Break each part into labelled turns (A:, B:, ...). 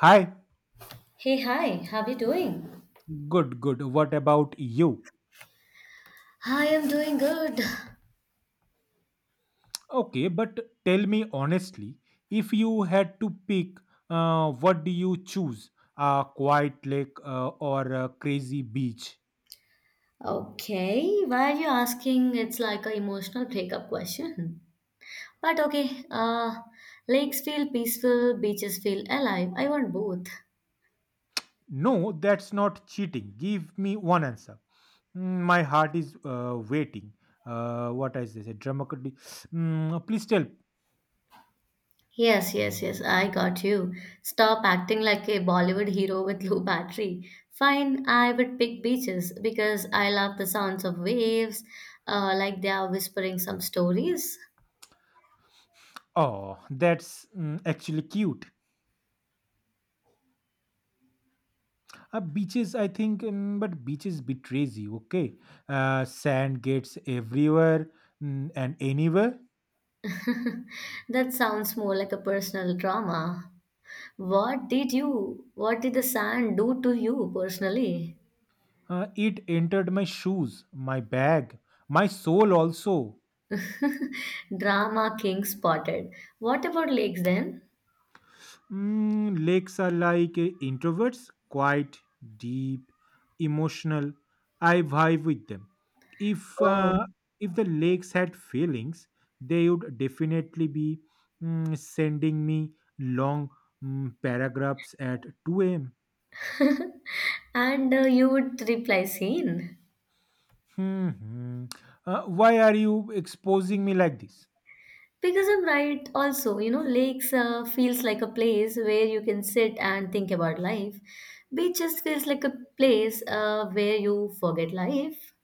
A: Hi,
B: Hey, hi, how are you doing?
A: good, good. What about you?
B: I am doing good.
A: Okay, but tell me honestly, if you had to pick, what do you choose? A quiet lake or a crazy beach?
B: Okay, why are you asking? It's like an emotional breakup question. But okay, lakes feel peaceful, beaches feel alive. I want both.
A: No, that's not cheating. Give me one answer. My heart is waiting. What is this? A drama could. Please tell.
B: Yes, yes, yes, I got you. Stop acting like a Bollywood hero with low battery. Fine, I would pick beaches because I love the sounds of waves, like they are whispering some stories.
A: Oh, that's actually cute. Beaches, I think, but beaches betrays you. Okay, sand gets everywhere and anywhere.
B: That sounds more like a personal drama. What did the sand do to you personally?
A: It entered my shoes, my bag, my soul also.
B: Drama king spotted. What about lakes then?
A: Lakes are like introverts, quiet, deep, emotional. I vibe with them. If
B: Oh,
A: uh, if the lakes had feelings, they would definitely be sending me long paragraphs at 2 a.m.
B: and you would reply seen.
A: Hmm. Why are you exposing me like this?
B: Because I'm right also, you know, lakes feels like a place where you can sit and think about life. Beaches feels like a place where you forget life.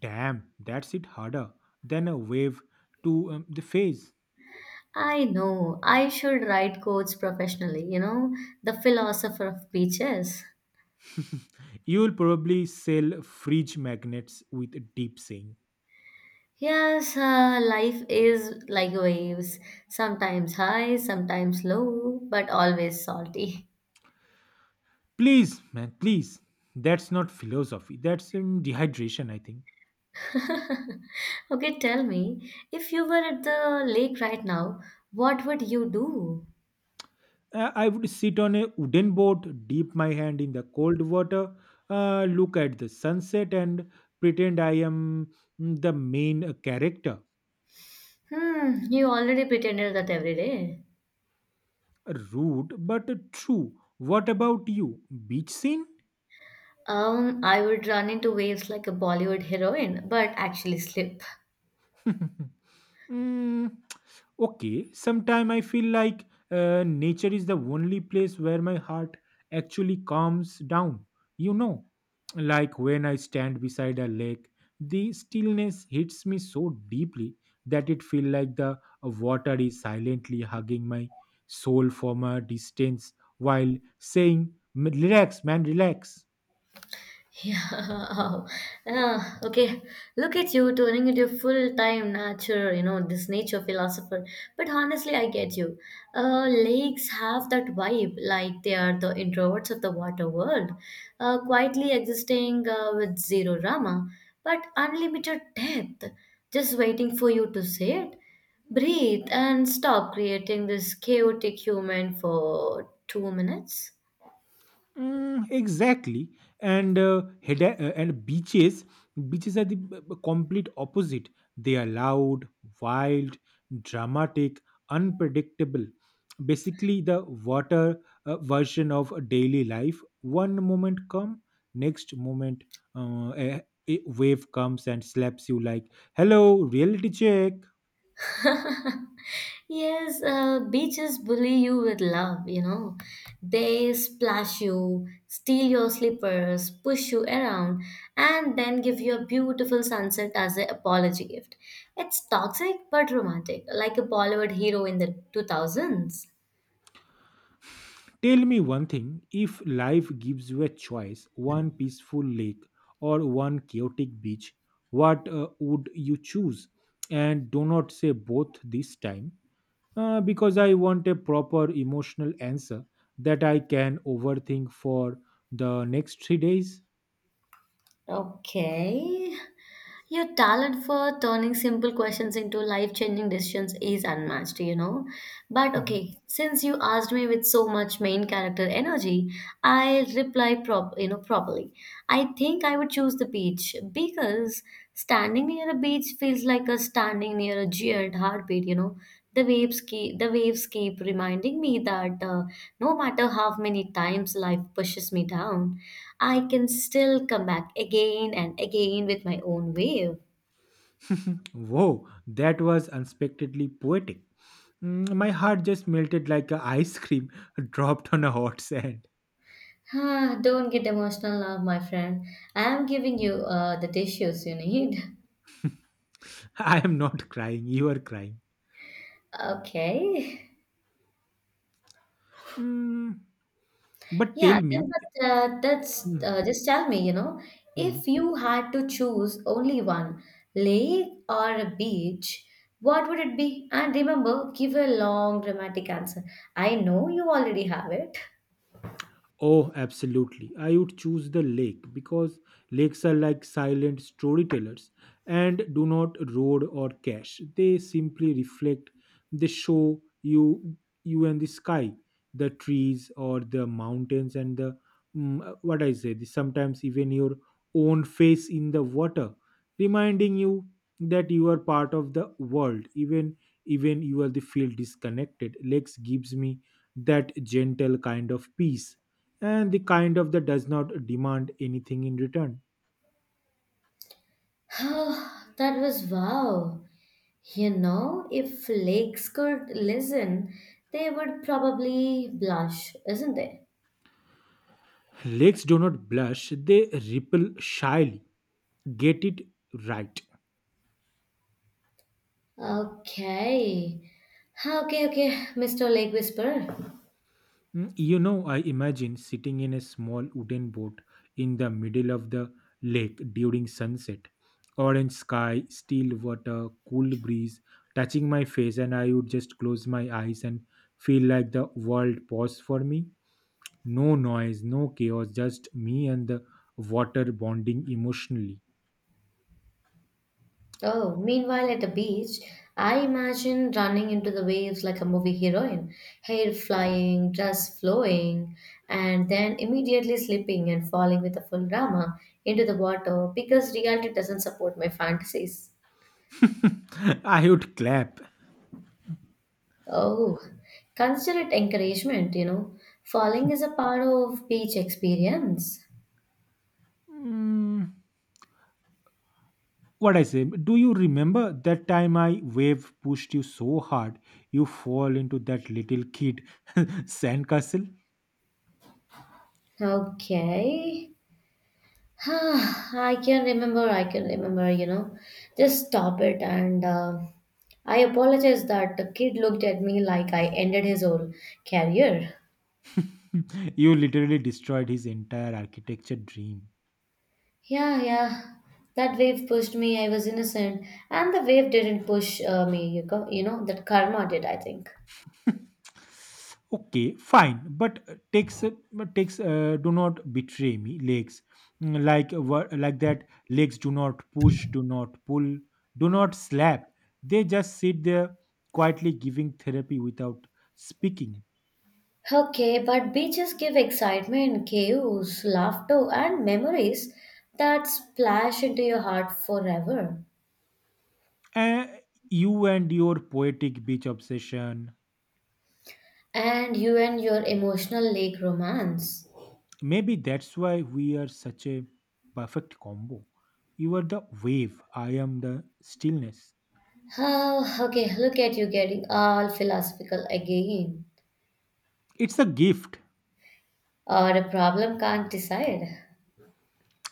A: Damn, that's it harder than a wave to the face.
B: I know, I should write quotes professionally, you know, the philosopher of beaches.
A: You will probably sell fridge magnets with a deep saying.
B: Yes, life is like waves, sometimes high, sometimes low, but always salty.
A: Please, man, please. That's not philosophy. That's dehydration, I think.
B: Okay, tell me, if you were at the lake right now, what would you do?
A: I would sit on a wooden boat, dip my hand in the cold water, look at the sunset, and pretend I am the main character.
B: Hmm, you already pretended that every day.
A: Rude but true. What about you? Beach scene?
B: I would run into waves like a Bollywood heroine, but actually slip.
A: Mm, okay, sometime I feel like nature is the only place where my heart actually calms down. You know, like when I stand beside a lake, the stillness hits me so deeply that it feels like the water is silently hugging my soul from a distance while saying, Relax, man, relax.
B: Yeah. Ah, okay. Look at you turning into a full-time nature, you know, this nature philosopher. But honestly, I get you. Lakes have that vibe, like they are the introverts of the water world, quietly existing with zero drama, but unlimited depth, just waiting for you to see it. Breathe and stop creating this chaotic human for 2 minutes.
A: Exactly, and beaches are the complete opposite. They are loud, wild, dramatic, unpredictable. Basically, the water version of daily life. One moment come, next moment uh, a, a wave comes and slaps you like, "Hello, reality check."
B: Yes, beaches bully you with love, you know. They splash you, steal your slippers, push you around, and then give you a beautiful sunset as an apology gift. It's toxic but romantic, like a Bollywood hero in the 2000s.
A: Tell me one thing if life gives you a choice, one peaceful lake or one chaotic beach, what would you choose? And do not say both this time because I want a proper emotional answer that I can overthink for the next 3 days.
B: Okay. Your talent for turning simple questions into life-changing decisions is unmatched, you know. But okay, since you asked me with so much main character energy, I'll reply properly. I think I would choose the beach because standing near a beach feels like a standing near a giant heartbeat, you know, the waves keep reminding me that no matter how many times life pushes me down, I can still come back again and again with my own wave.
A: Whoa, that was unexpectedly poetic. My heart just melted like a ice cream dropped on a hot sand.
B: Ah, don't get emotional now, my friend. I am giving you the tissues you need.
A: I am not crying, you are crying.
B: Okay.
A: Mm, but
B: Yeah,
A: tell me
B: then, but that's
A: mm,
B: just tell me, you know,
A: mm.
B: if you had to choose only one, lake or a beach, what would it be? And remember, give a long dramatic answer. I know you already have it.
A: Oh, absolutely. I would choose the lake because lakes are like silent storytellers and do not road or cash. They simply reflect, they show you and the sky, the trees or the mountains and the what I say, the, sometimes even your own face in the water, reminding you that you are part of the world, even you are the feel disconnected. Lakes gives me that gentle kind of peace and the kind of that does not demand anything in return.
B: That was wow. You know, if lakes could listen, they would probably blush, isn't they?
A: Lakes do not blush, they ripple shyly. Get it right.
B: Okay. Okay, okay, Mr. Lake Whisperer.
A: You know, I imagine sitting in a small wooden boat in the middle of the lake during sunset. Orange sky, still water, cool breeze touching my face, and I would just close my eyes and feel like the world paused for me. No noise, no chaos, just me and the water bonding emotionally.
B: Oh, meanwhile at the beach, I imagine running into the waves like a movie heroine, hair flying, dress flowing, and then immediately slipping and falling with a full drama into the water because reality doesn't support my fantasies.
A: I would clap.
B: Oh, consider it encouragement, you know. Falling is a part of beach experience.
A: Mm, what I say? Do you remember that time I wave pushed you so hard you fall into that little kid sandcastle?
B: Okay. I can remember, you know. Just stop it. And I apologize that the kid looked at me like I ended his whole career.
A: You literally destroyed his entire architecture dream.
B: Yeah, yeah. That wave pushed me. I was innocent. And the wave didn't push me, you, go, you know. That karma did, I think.
A: Okay, fine, but takes do not betray me legs. Like that legs do not push, do not pull, do not slap. They just sit there quietly giving therapy without speaking.
B: Okay, but beaches give excitement, chaos, laughter, and memories that splash into your heart forever.
A: Uh, you and your poetic beach obsession.
B: And you and your emotional lake romance.
A: Maybe that's why we are such a perfect combo. You are the wave, I am the stillness.
B: Oh, okay, look at you getting all philosophical again.
A: It's a gift.
B: Or a problem, can't decide.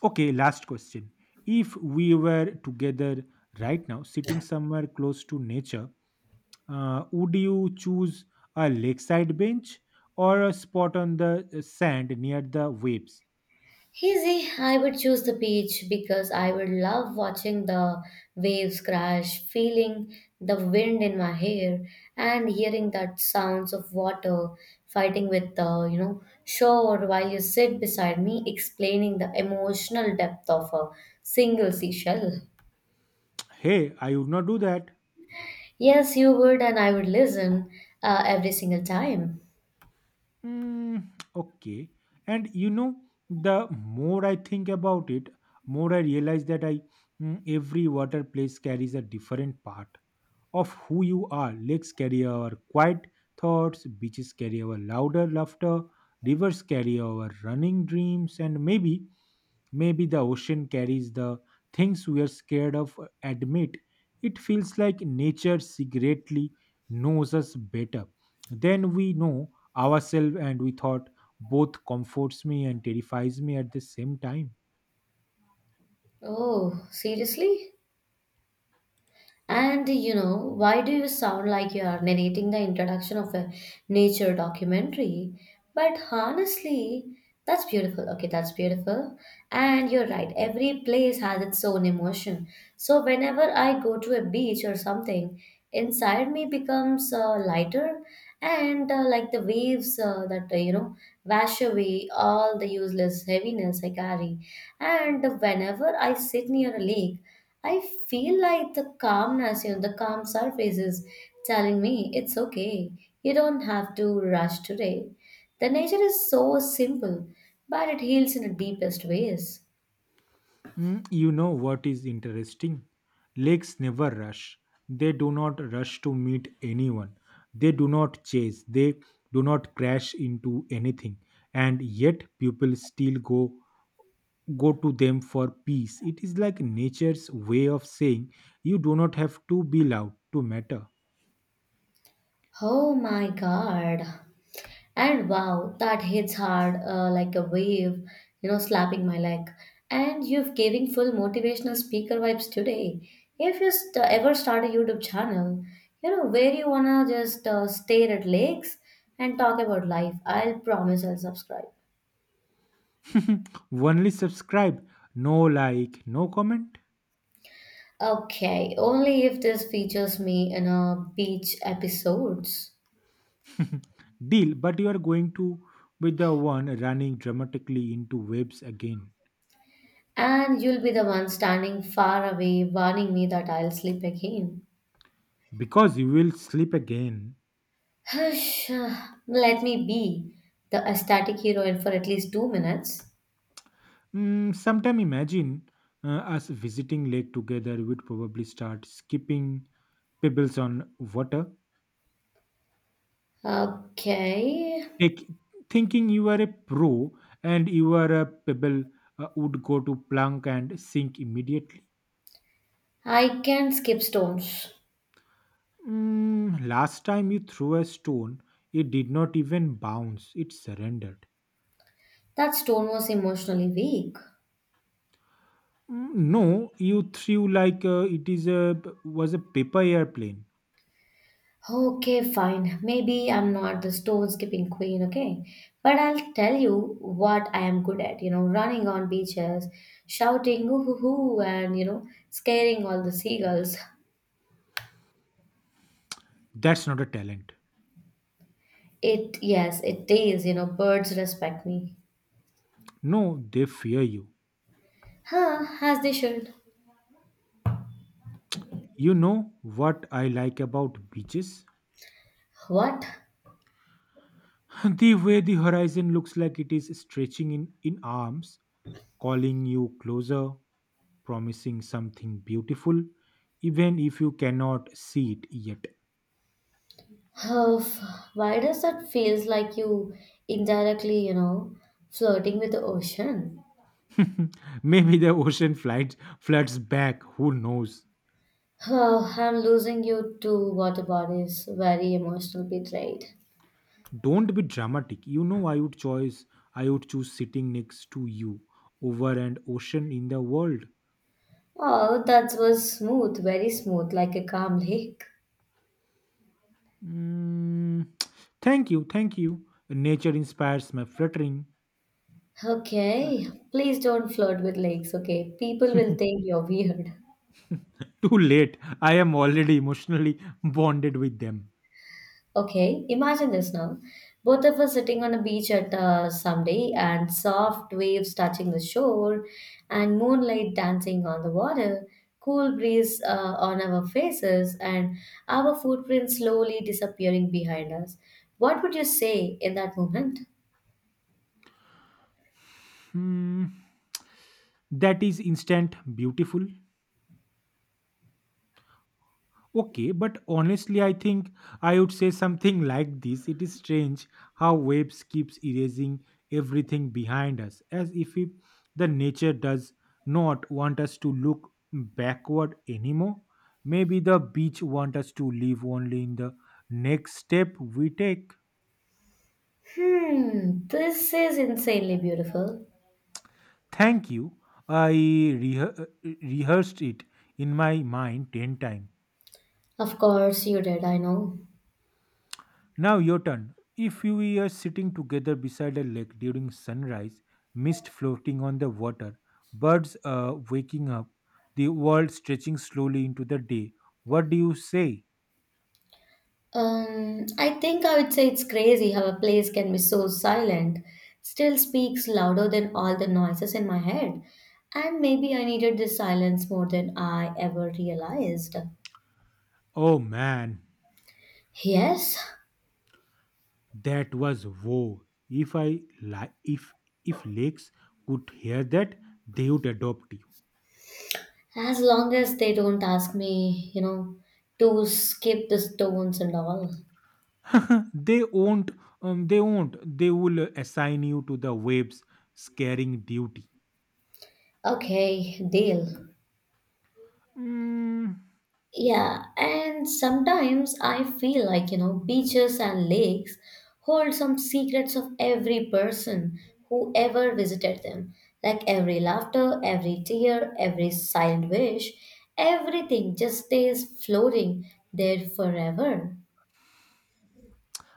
A: Okay, last question. If we were together right now, sitting somewhere close to nature, would you choose a lakeside bench or a spot on the sand near the waves?
B: Easy, I would choose the beach because I would love watching the waves crash, feeling the wind in my hair, and hearing that sounds of water fighting with the, you know, shore while you sit beside me explaining the emotional depth of a single seashell.
A: Hey, I would not do that.
B: Yes, you would, and I would listen every single time.
A: Mm, okay. And the more I think about it, more I realize that I every water place carries a different part of who you are. Lakes carry our quiet thoughts, beaches carry our louder laughter, rivers carry our running dreams, and maybe, maybe the ocean carries the things we are scared of. Admit it feels like nature secretly knows us better than we know ourselves, and we thought both comforts me and terrifies me at the same time.
B: Oh, seriously? And you know, why do you sound like you are narrating the introduction of a nature documentary? But honestly, that's beautiful. Okay, that's beautiful. And you're right, every place has its own emotion. So whenever I go to a beach or something, inside me becomes lighter and like the waves you know, wash away all the useless heaviness I carry. And whenever I sit near a lake, I feel like the calmness, you know, the calm surface is telling me it's okay. You don't have to rush today. The nature is so simple, but it heals in the deepest ways.
A: You know what is interesting? Lakes never rush. They do not rush to meet anyone. They do not chase. They do not crash into anything. And yet people still go to them for peace. It is like nature's way of saying you do not have to be loud to matter.
B: Oh my god. And wow, that hits hard like a wave, you know, slapping my leg. And you've giving full motivational speaker vibes today. If you st- ever start a YouTube channel, you know, where you wanna just stare at lakes and talk about life, I'll promise I'll subscribe.
A: Only subscribe, no like, no comment.
B: Okay, only if this features me in a beach episodes.
A: Deal, but you are going to be the one running dramatically into waves again.
B: And you'll be the one standing far away warning me that I'll sleep again.
A: Because you will sleep again.
B: Hush, let me be the ecstatic heroine for at least 2 minutes.
A: Sometime imagine us visiting lake together. We would probably start skipping pebbles on water,
B: Okay,
A: take, thinking you are a pro and you are a pebble would go to plunk and sink immediately.
B: I can skip stones.
A: Last time you threw a stone, it did not even bounce; it surrendered.
B: That stone was emotionally weak.
A: No, you threw like it is a was a paper airplane.
B: Okay, fine. Maybe I'm not the stone skipping queen, okay? But I'll tell you what I am good at, you know, running on beaches, shouting ooh hoo hoo and you know, scaring all the seagulls.
A: That's not a talent.
B: It yes, it is, you know, birds respect me.
A: No, they fear you.
B: Huh, as they should.
A: You know what I like about beaches?
B: What?
A: The way the horizon looks like it is stretching in arms, calling you closer, promising something beautiful, even if you cannot see it yet.
B: Oh, why does that feels like you indirectly, you know, flirting with the ocean?
A: Maybe the ocean flight floods back, who knows?
B: Oh, I'm losing you to water bodies. Very emotional betrayed.
A: Don't be dramatic. You know I would choose sitting next to you over an ocean in the world.
B: Oh, that was smooth, very smooth, like a calm lake.
A: Mm, Thank you, thank you. Nature inspires my fluttering.
B: Okay, please don't flirt with lakes, okay? People will think you're weird.
A: Too late. I am already emotionally bonded with them.
B: Okay, imagine this now. Both of us sitting on a beach at someday and soft waves touching the shore and moonlight dancing on the water, cool breeze on our faces and our footprints slowly disappearing behind us. What would you say in that moment?
A: Hmm, that is instant beautiful. Okay, but honestly, I think I would say something like this. It is strange how waves keeps erasing everything behind us, as if the nature does not want us to look backward anymore. Maybe the beach want us to live only in the next step we take.
B: Hmm, this is insanely beautiful.
A: Thank you. I rehearsed it in my mind 10 times.
B: Of course you did, I know.
A: Now your turn. If you were sitting together beside a lake during sunrise, mist floating on the water, birds waking up, the world stretching slowly into the day, what do you say?
B: I think I would say it's crazy how a place can be so silent, still speaks louder than all the noises in my head. And maybe I needed this silence more than I ever realized.
A: Oh man,
B: Yes,
A: that was woe. If I li- if lakes could hear that, they would adopt you.
B: as long as they don't ask me, you know, to skip the stones and all.
A: They won't. They won't. They will assign you to the waves' scaring duty.
B: Okay, deal.
A: Mm,
B: Yeah, and sometimes I feel like, you know, beaches and lakes hold some secrets of every person who ever visited them. Like every laughter, every tear, every silent wish, everything just stays floating there forever.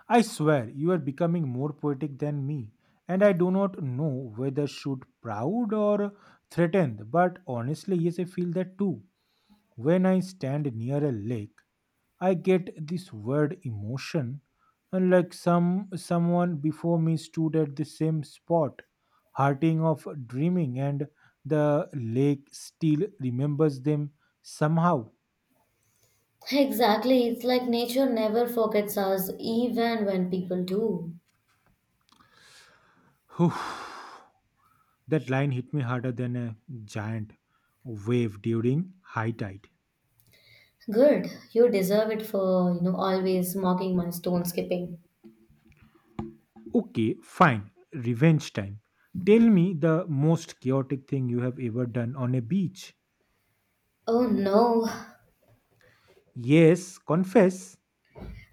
A: I swear you are becoming more poetic than me, and I do not know whether should proud or threatened, but honestly, yes, I feel that too. When I stand near a lake, I get this weird emotion, and like someone before me stood at the same spot, hurting of dreaming, and the lake still remembers them somehow.
B: Exactly, it's like nature never forgets us even when people do.
A: Whew, that line hit me harder than a giant wave during high tide.
B: Good, you deserve it for, you know, always mocking my stone skipping.
A: Okay, fine. Revenge time. Tell me the most chaotic thing you have ever done on a beach.
B: Oh no.
A: Yes, confess.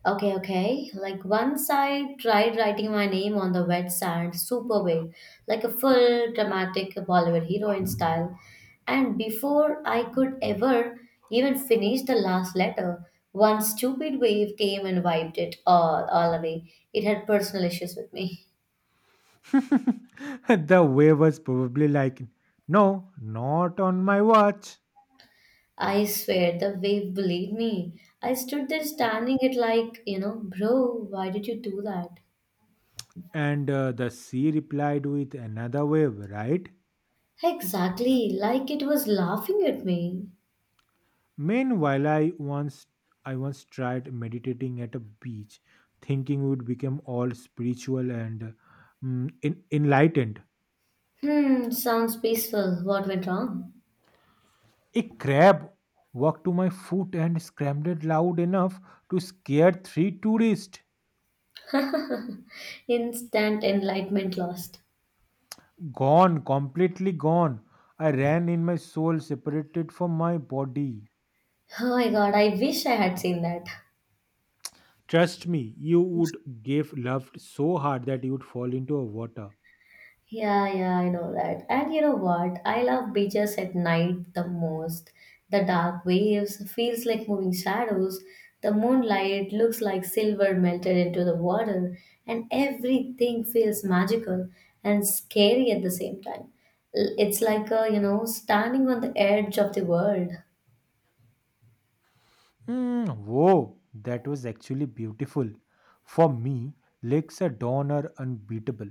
B: Okay, okay. Like once I tried writing my name on the wet sand super big, like a full dramatic Bollywood heroine style. And before I could ever even finish the last letter, one stupid wave came and wiped all away. It had personal issues with me.
A: The wave was probably like, "No, not on my watch."
B: I swear the wave believed me. I stood there standing it like, you know, bro, why did you do that?
A: And the sea replied with another wave, right?
B: Exactly, like it was laughing at me.
A: Meanwhile, I once tried meditating at a beach, thinking would become all spiritual and enlightened.
B: Hmm, sounds peaceful. What went wrong?
A: A crab walked to my foot and scrambled loud enough to scare 3 tourists.
B: Instant enlightenment lost.
A: Gone, completely gone. I ran in my soul separated from my body.
B: Oh my god, I wish I had seen that.
A: Trust me, you would give love so hard that you would fall into a water.
B: Yeah, yeah, I know that. And you know what? I love beaches at night the most. The dark waves feels like moving shadows. The moonlight looks like silver melted into the water, and everything feels magical and scary at the same time. It's like a, you know, standing on the edge of the world.
A: Whoa, that was actually beautiful. For me, lakes are dawn are unbeatable.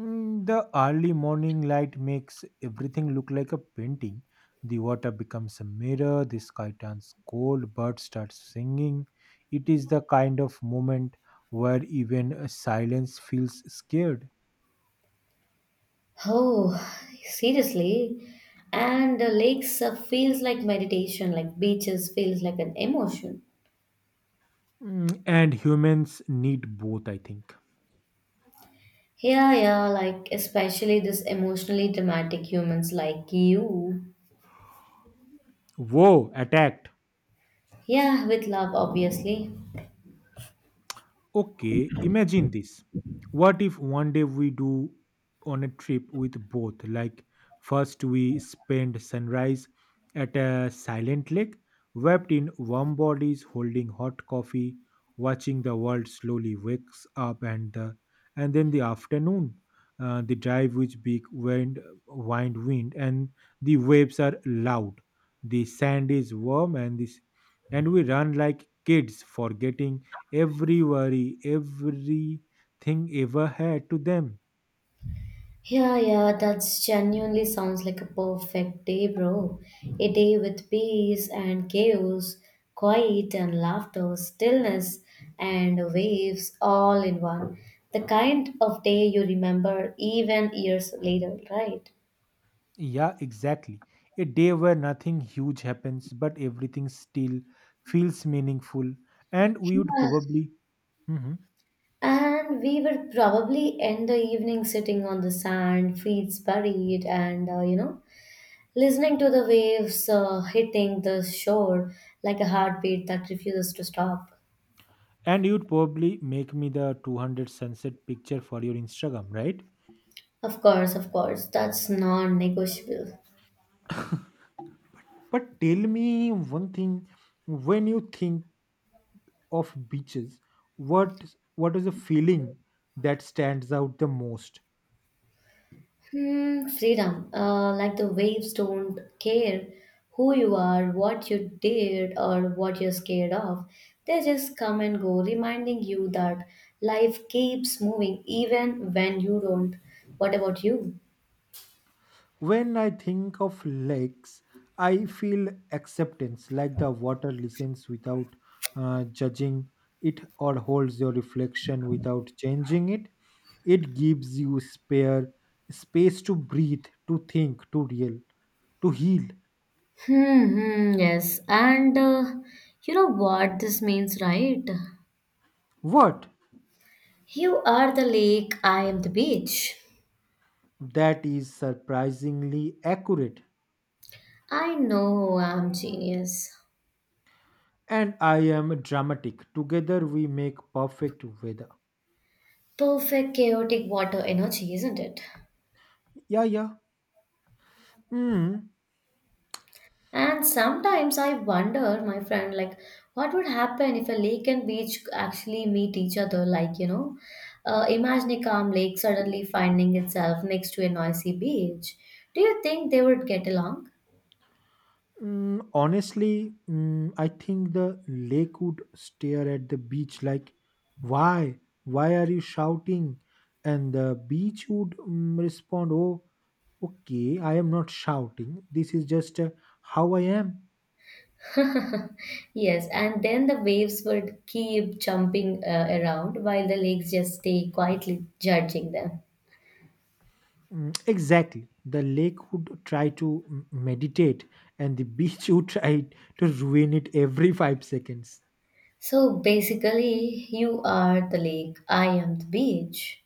A: The early morning light makes everything look like a painting. The water becomes a mirror, the sky turns cold, birds start singing. It is the kind of moment where even silence feels scared.
B: Oh, seriously. And the lakes feels like meditation, like beaches feels like an emotion.
A: And humans need both, I think.
B: Yeah, yeah, like especially this emotionally dramatic humans like you.
A: Whoa, attacked!
B: Yeah, with love, obviously.
A: Okay, imagine this. What if one day we do on a trip with both? Like, first we spend sunrise at a silent lake, wrapped in warm bodies, holding hot coffee, watching the world slowly wakes up, and then the afternoon, the drive with big wind, and the waves are loud. The sand is warm, and we run like kids, forgetting every worry, everything ever had to them.
B: Yeah, yeah, that's genuinely sounds like a perfect day, bro. A day with peace and chaos, quiet and laughter, stillness and waves all in one. The kind of day you remember even years later, right?
A: Yeah, exactly. A day where nothing huge happens, but everything still feels meaningful. And we would
B: Yeah.
A: probably. Mhm.
B: And we would probably end the evening sitting on the sand, feet buried, and you know, listening to the waves hitting the shore like a heartbeat that refuses to stop.
A: And you would probably make me the 200 sunset picture for your Instagram, right?
B: Of course, of course. That's non negotiable.
A: But tell me one thing: when you think of beaches, what what is the feeling that stands out the most?
B: Hmm, freedom. Like the waves don't care who you are, what you did, or what you're scared of. They just come and go, reminding you that life keeps moving even when you don't. What about you?
A: When I think of lakes, I feel acceptance, like the water listens without judging it or holds your reflection without changing it. It gives you spare space to breathe, to think, to real, to heal.
B: Hmm, hmm, yes. And you know what this means, right?
A: What?
B: You are the lake, I am the beach.
A: That is surprisingly accurate.
B: I know I'm genius.
A: And I am dramatic. Together we make perfect weather.
B: Perfect chaotic water energy, isn't it?
A: Yeah, yeah. Hmm.
B: And sometimes I wonder, my friend, like what would happen if a lake and beach actually meet each other? Like, you know, imagine a calm lake suddenly finding itself next to a noisy beach. Do you think they would get along?
A: Honestly, I think the lake would stare at the beach like, "Why? Why are you shouting?" And the beach would respond, "Oh, okay, I am not shouting. This is just how I am."
B: Yes, and then the waves would keep jumping around while the lakes just stay quietly judging them.
A: Exactly. The lake would try to meditate, and the beach would try to ruin it every 5 seconds.
B: So basically, you are the lake, I am the beach.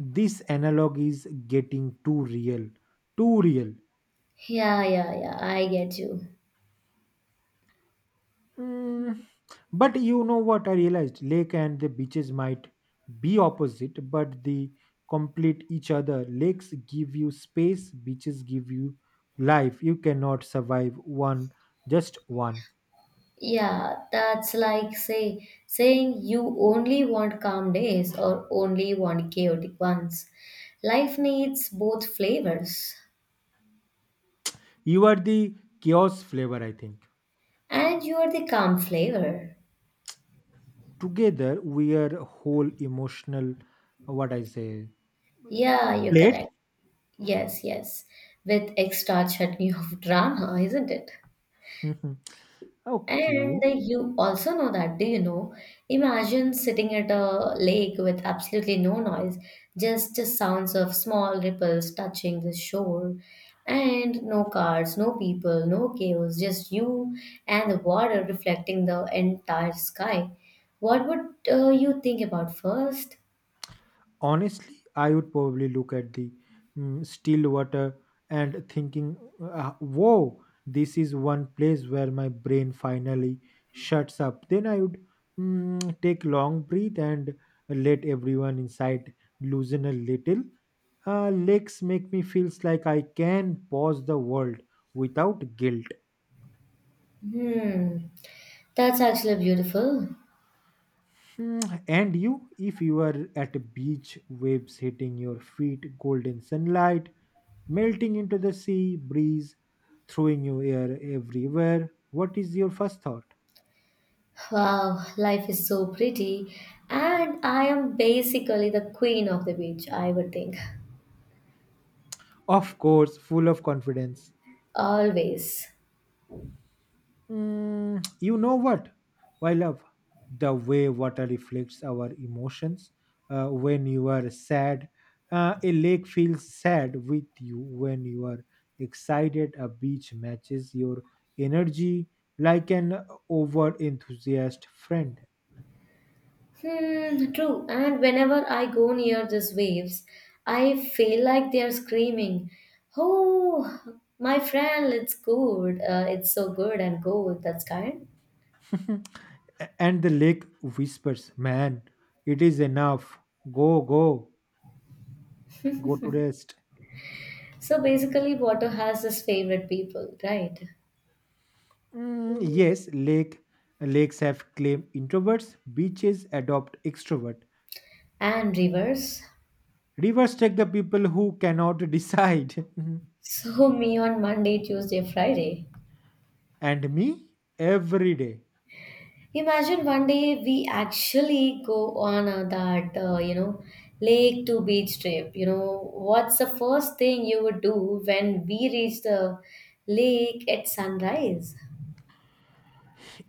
A: This analog is getting too real, too real.
B: Yeah, yeah, yeah, I get you.
A: Mm, but you know what I realized? Lake and the beaches might be opposite, but they complete each other. Lakes give you space, beaches give you life. You cannot survive one, just one.
B: Yeah, that's like saying you only want calm days or only want chaotic ones. Life needs both flavors,
A: You are the chaos flavor, I think.
B: and you are the calm flavor.
A: Together, we are whole emotional, what I say,
B: Yeah, you're
A: plate.
B: correct. Yes, yes. With extra chutney of drama, isn't it? And
A: Okay.
B: you also know that, do you know? Imagine sitting at a lake with absolutely no noise, just the sounds of small ripples touching the shore, and no cars, no people, no chaos, just you and the water reflecting the entire sky. What would you think about first?
A: Honestly, I would probably look at the still water and thinking, whoa, this is one place where my brain finally shuts up. Then I would take long breath and let everyone inside loosen a little. Lakes make me feels like I can pause the world without guilt.
B: Hmm, that's actually beautiful.
A: And you, if you are at a beach, waves hitting your feet, golden sunlight, melting into the sea, breeze, throwing your hair everywhere, what is your first thought?
B: Wow, life is so pretty, and I am basically the queen of the beach, I would think.
A: Of course, full of confidence.
B: Always.
A: You know what? I love the way water reflects our emotions. When you are sad, a lake feels sad with you. When you are excited, a beach matches your energy like an over enthusiast friend.
B: Hmm, true. And whenever I go near these waves, I feel like they are screaming, oh, my friend, it's good. It's so good and go with that kind.
A: And the lake whispers, "Man, it is enough. Go, go, go to rest."
B: So basically, water has his favorite people, right?
A: Yes, lakes have claim introverts, beaches adopt extrovert.
B: And rivers.
A: Rivers take the people who cannot decide.
B: So me on Monday, Tuesday, Friday.
A: And me every day.
B: Imagine one day we actually go on you know, lake to beach trip. You know, what's the first thing you would do when we reach the lake at sunrise?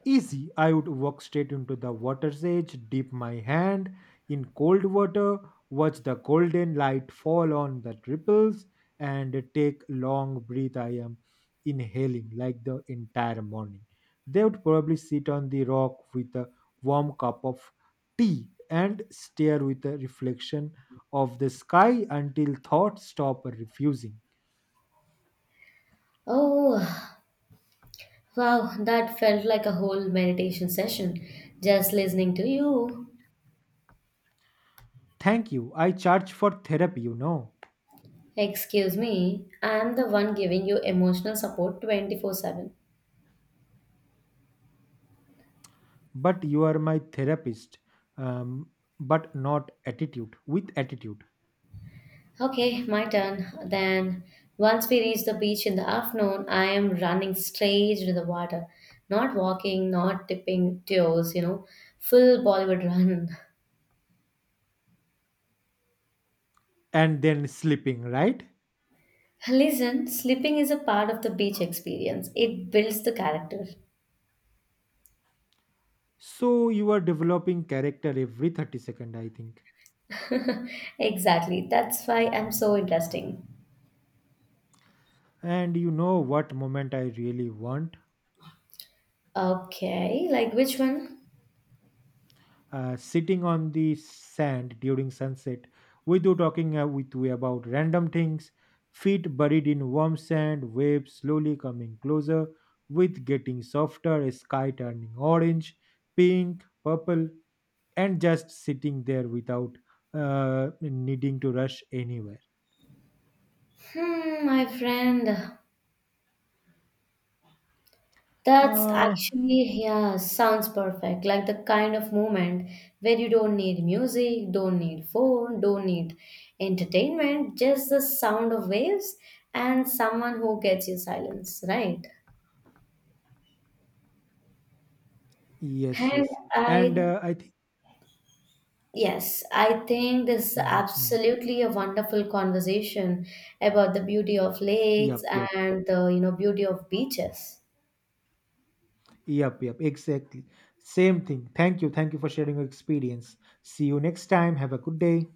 A: Easy. I would walk straight into the water's edge, dip my hand in cold water, watch the golden light fall on the ripples, and take long breath. I am inhaling like the entire morning. They would probably sit on the rock with a warm cup of tea and stare with the reflection of the sky until thoughts stop refusing.
B: Oh, wow, that felt like a whole meditation session just listening to you.
A: Thank you. I charge for therapy.
B: Excuse me, I am the one giving you emotional support 24/7.
A: But you are my therapist um, but not attitude with attitude.
B: Okay, my turn. Then, once we reach the beach in the afternoon, I am running straight into the water, not walking, not dipping toes, you know, full Bollywood run.
A: And then sleeping right.
B: Listen, sleeping is a part of the beach experience. It builds the character.
A: So you are developing character every 30 second, I think.
B: Exactly. That's why I'm so interesting.
A: And you know what moment I really want.
B: Okay, like which one?
A: Sitting on the sand during sunset with you talking, with you about random things, feet buried in warm sand, waves slowly coming closer, with getting softer, a sky turning orange, pink, purple, and just sitting there without needing to rush anywhere.
B: Hmm, my friend. That's
A: Uh,
B: actually, yeah, sounds perfect. Like the kind of moment where you don't need music, don't need phone, don't need entertainment, just the sound of waves and someone who gets you silence, right?
A: yes,
B: And
A: yes. And
B: I,
A: I think.
B: yes, I think this is
A: Mhm.
B: absolutely a wonderful conversation about the beauty of
A: Yep,
B: lakes
A: yep,
B: and the, you know, beauty of beaches.
A: yep, yep, exactly. Same thing. Thank you. Thank you for sharing your experience. See you next time. Have a good day.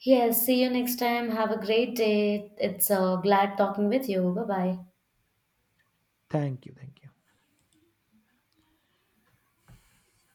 B: Yes, see you next time. Have a great day. It's glad talking with you. Bye bye.
A: Thank you. Thank you.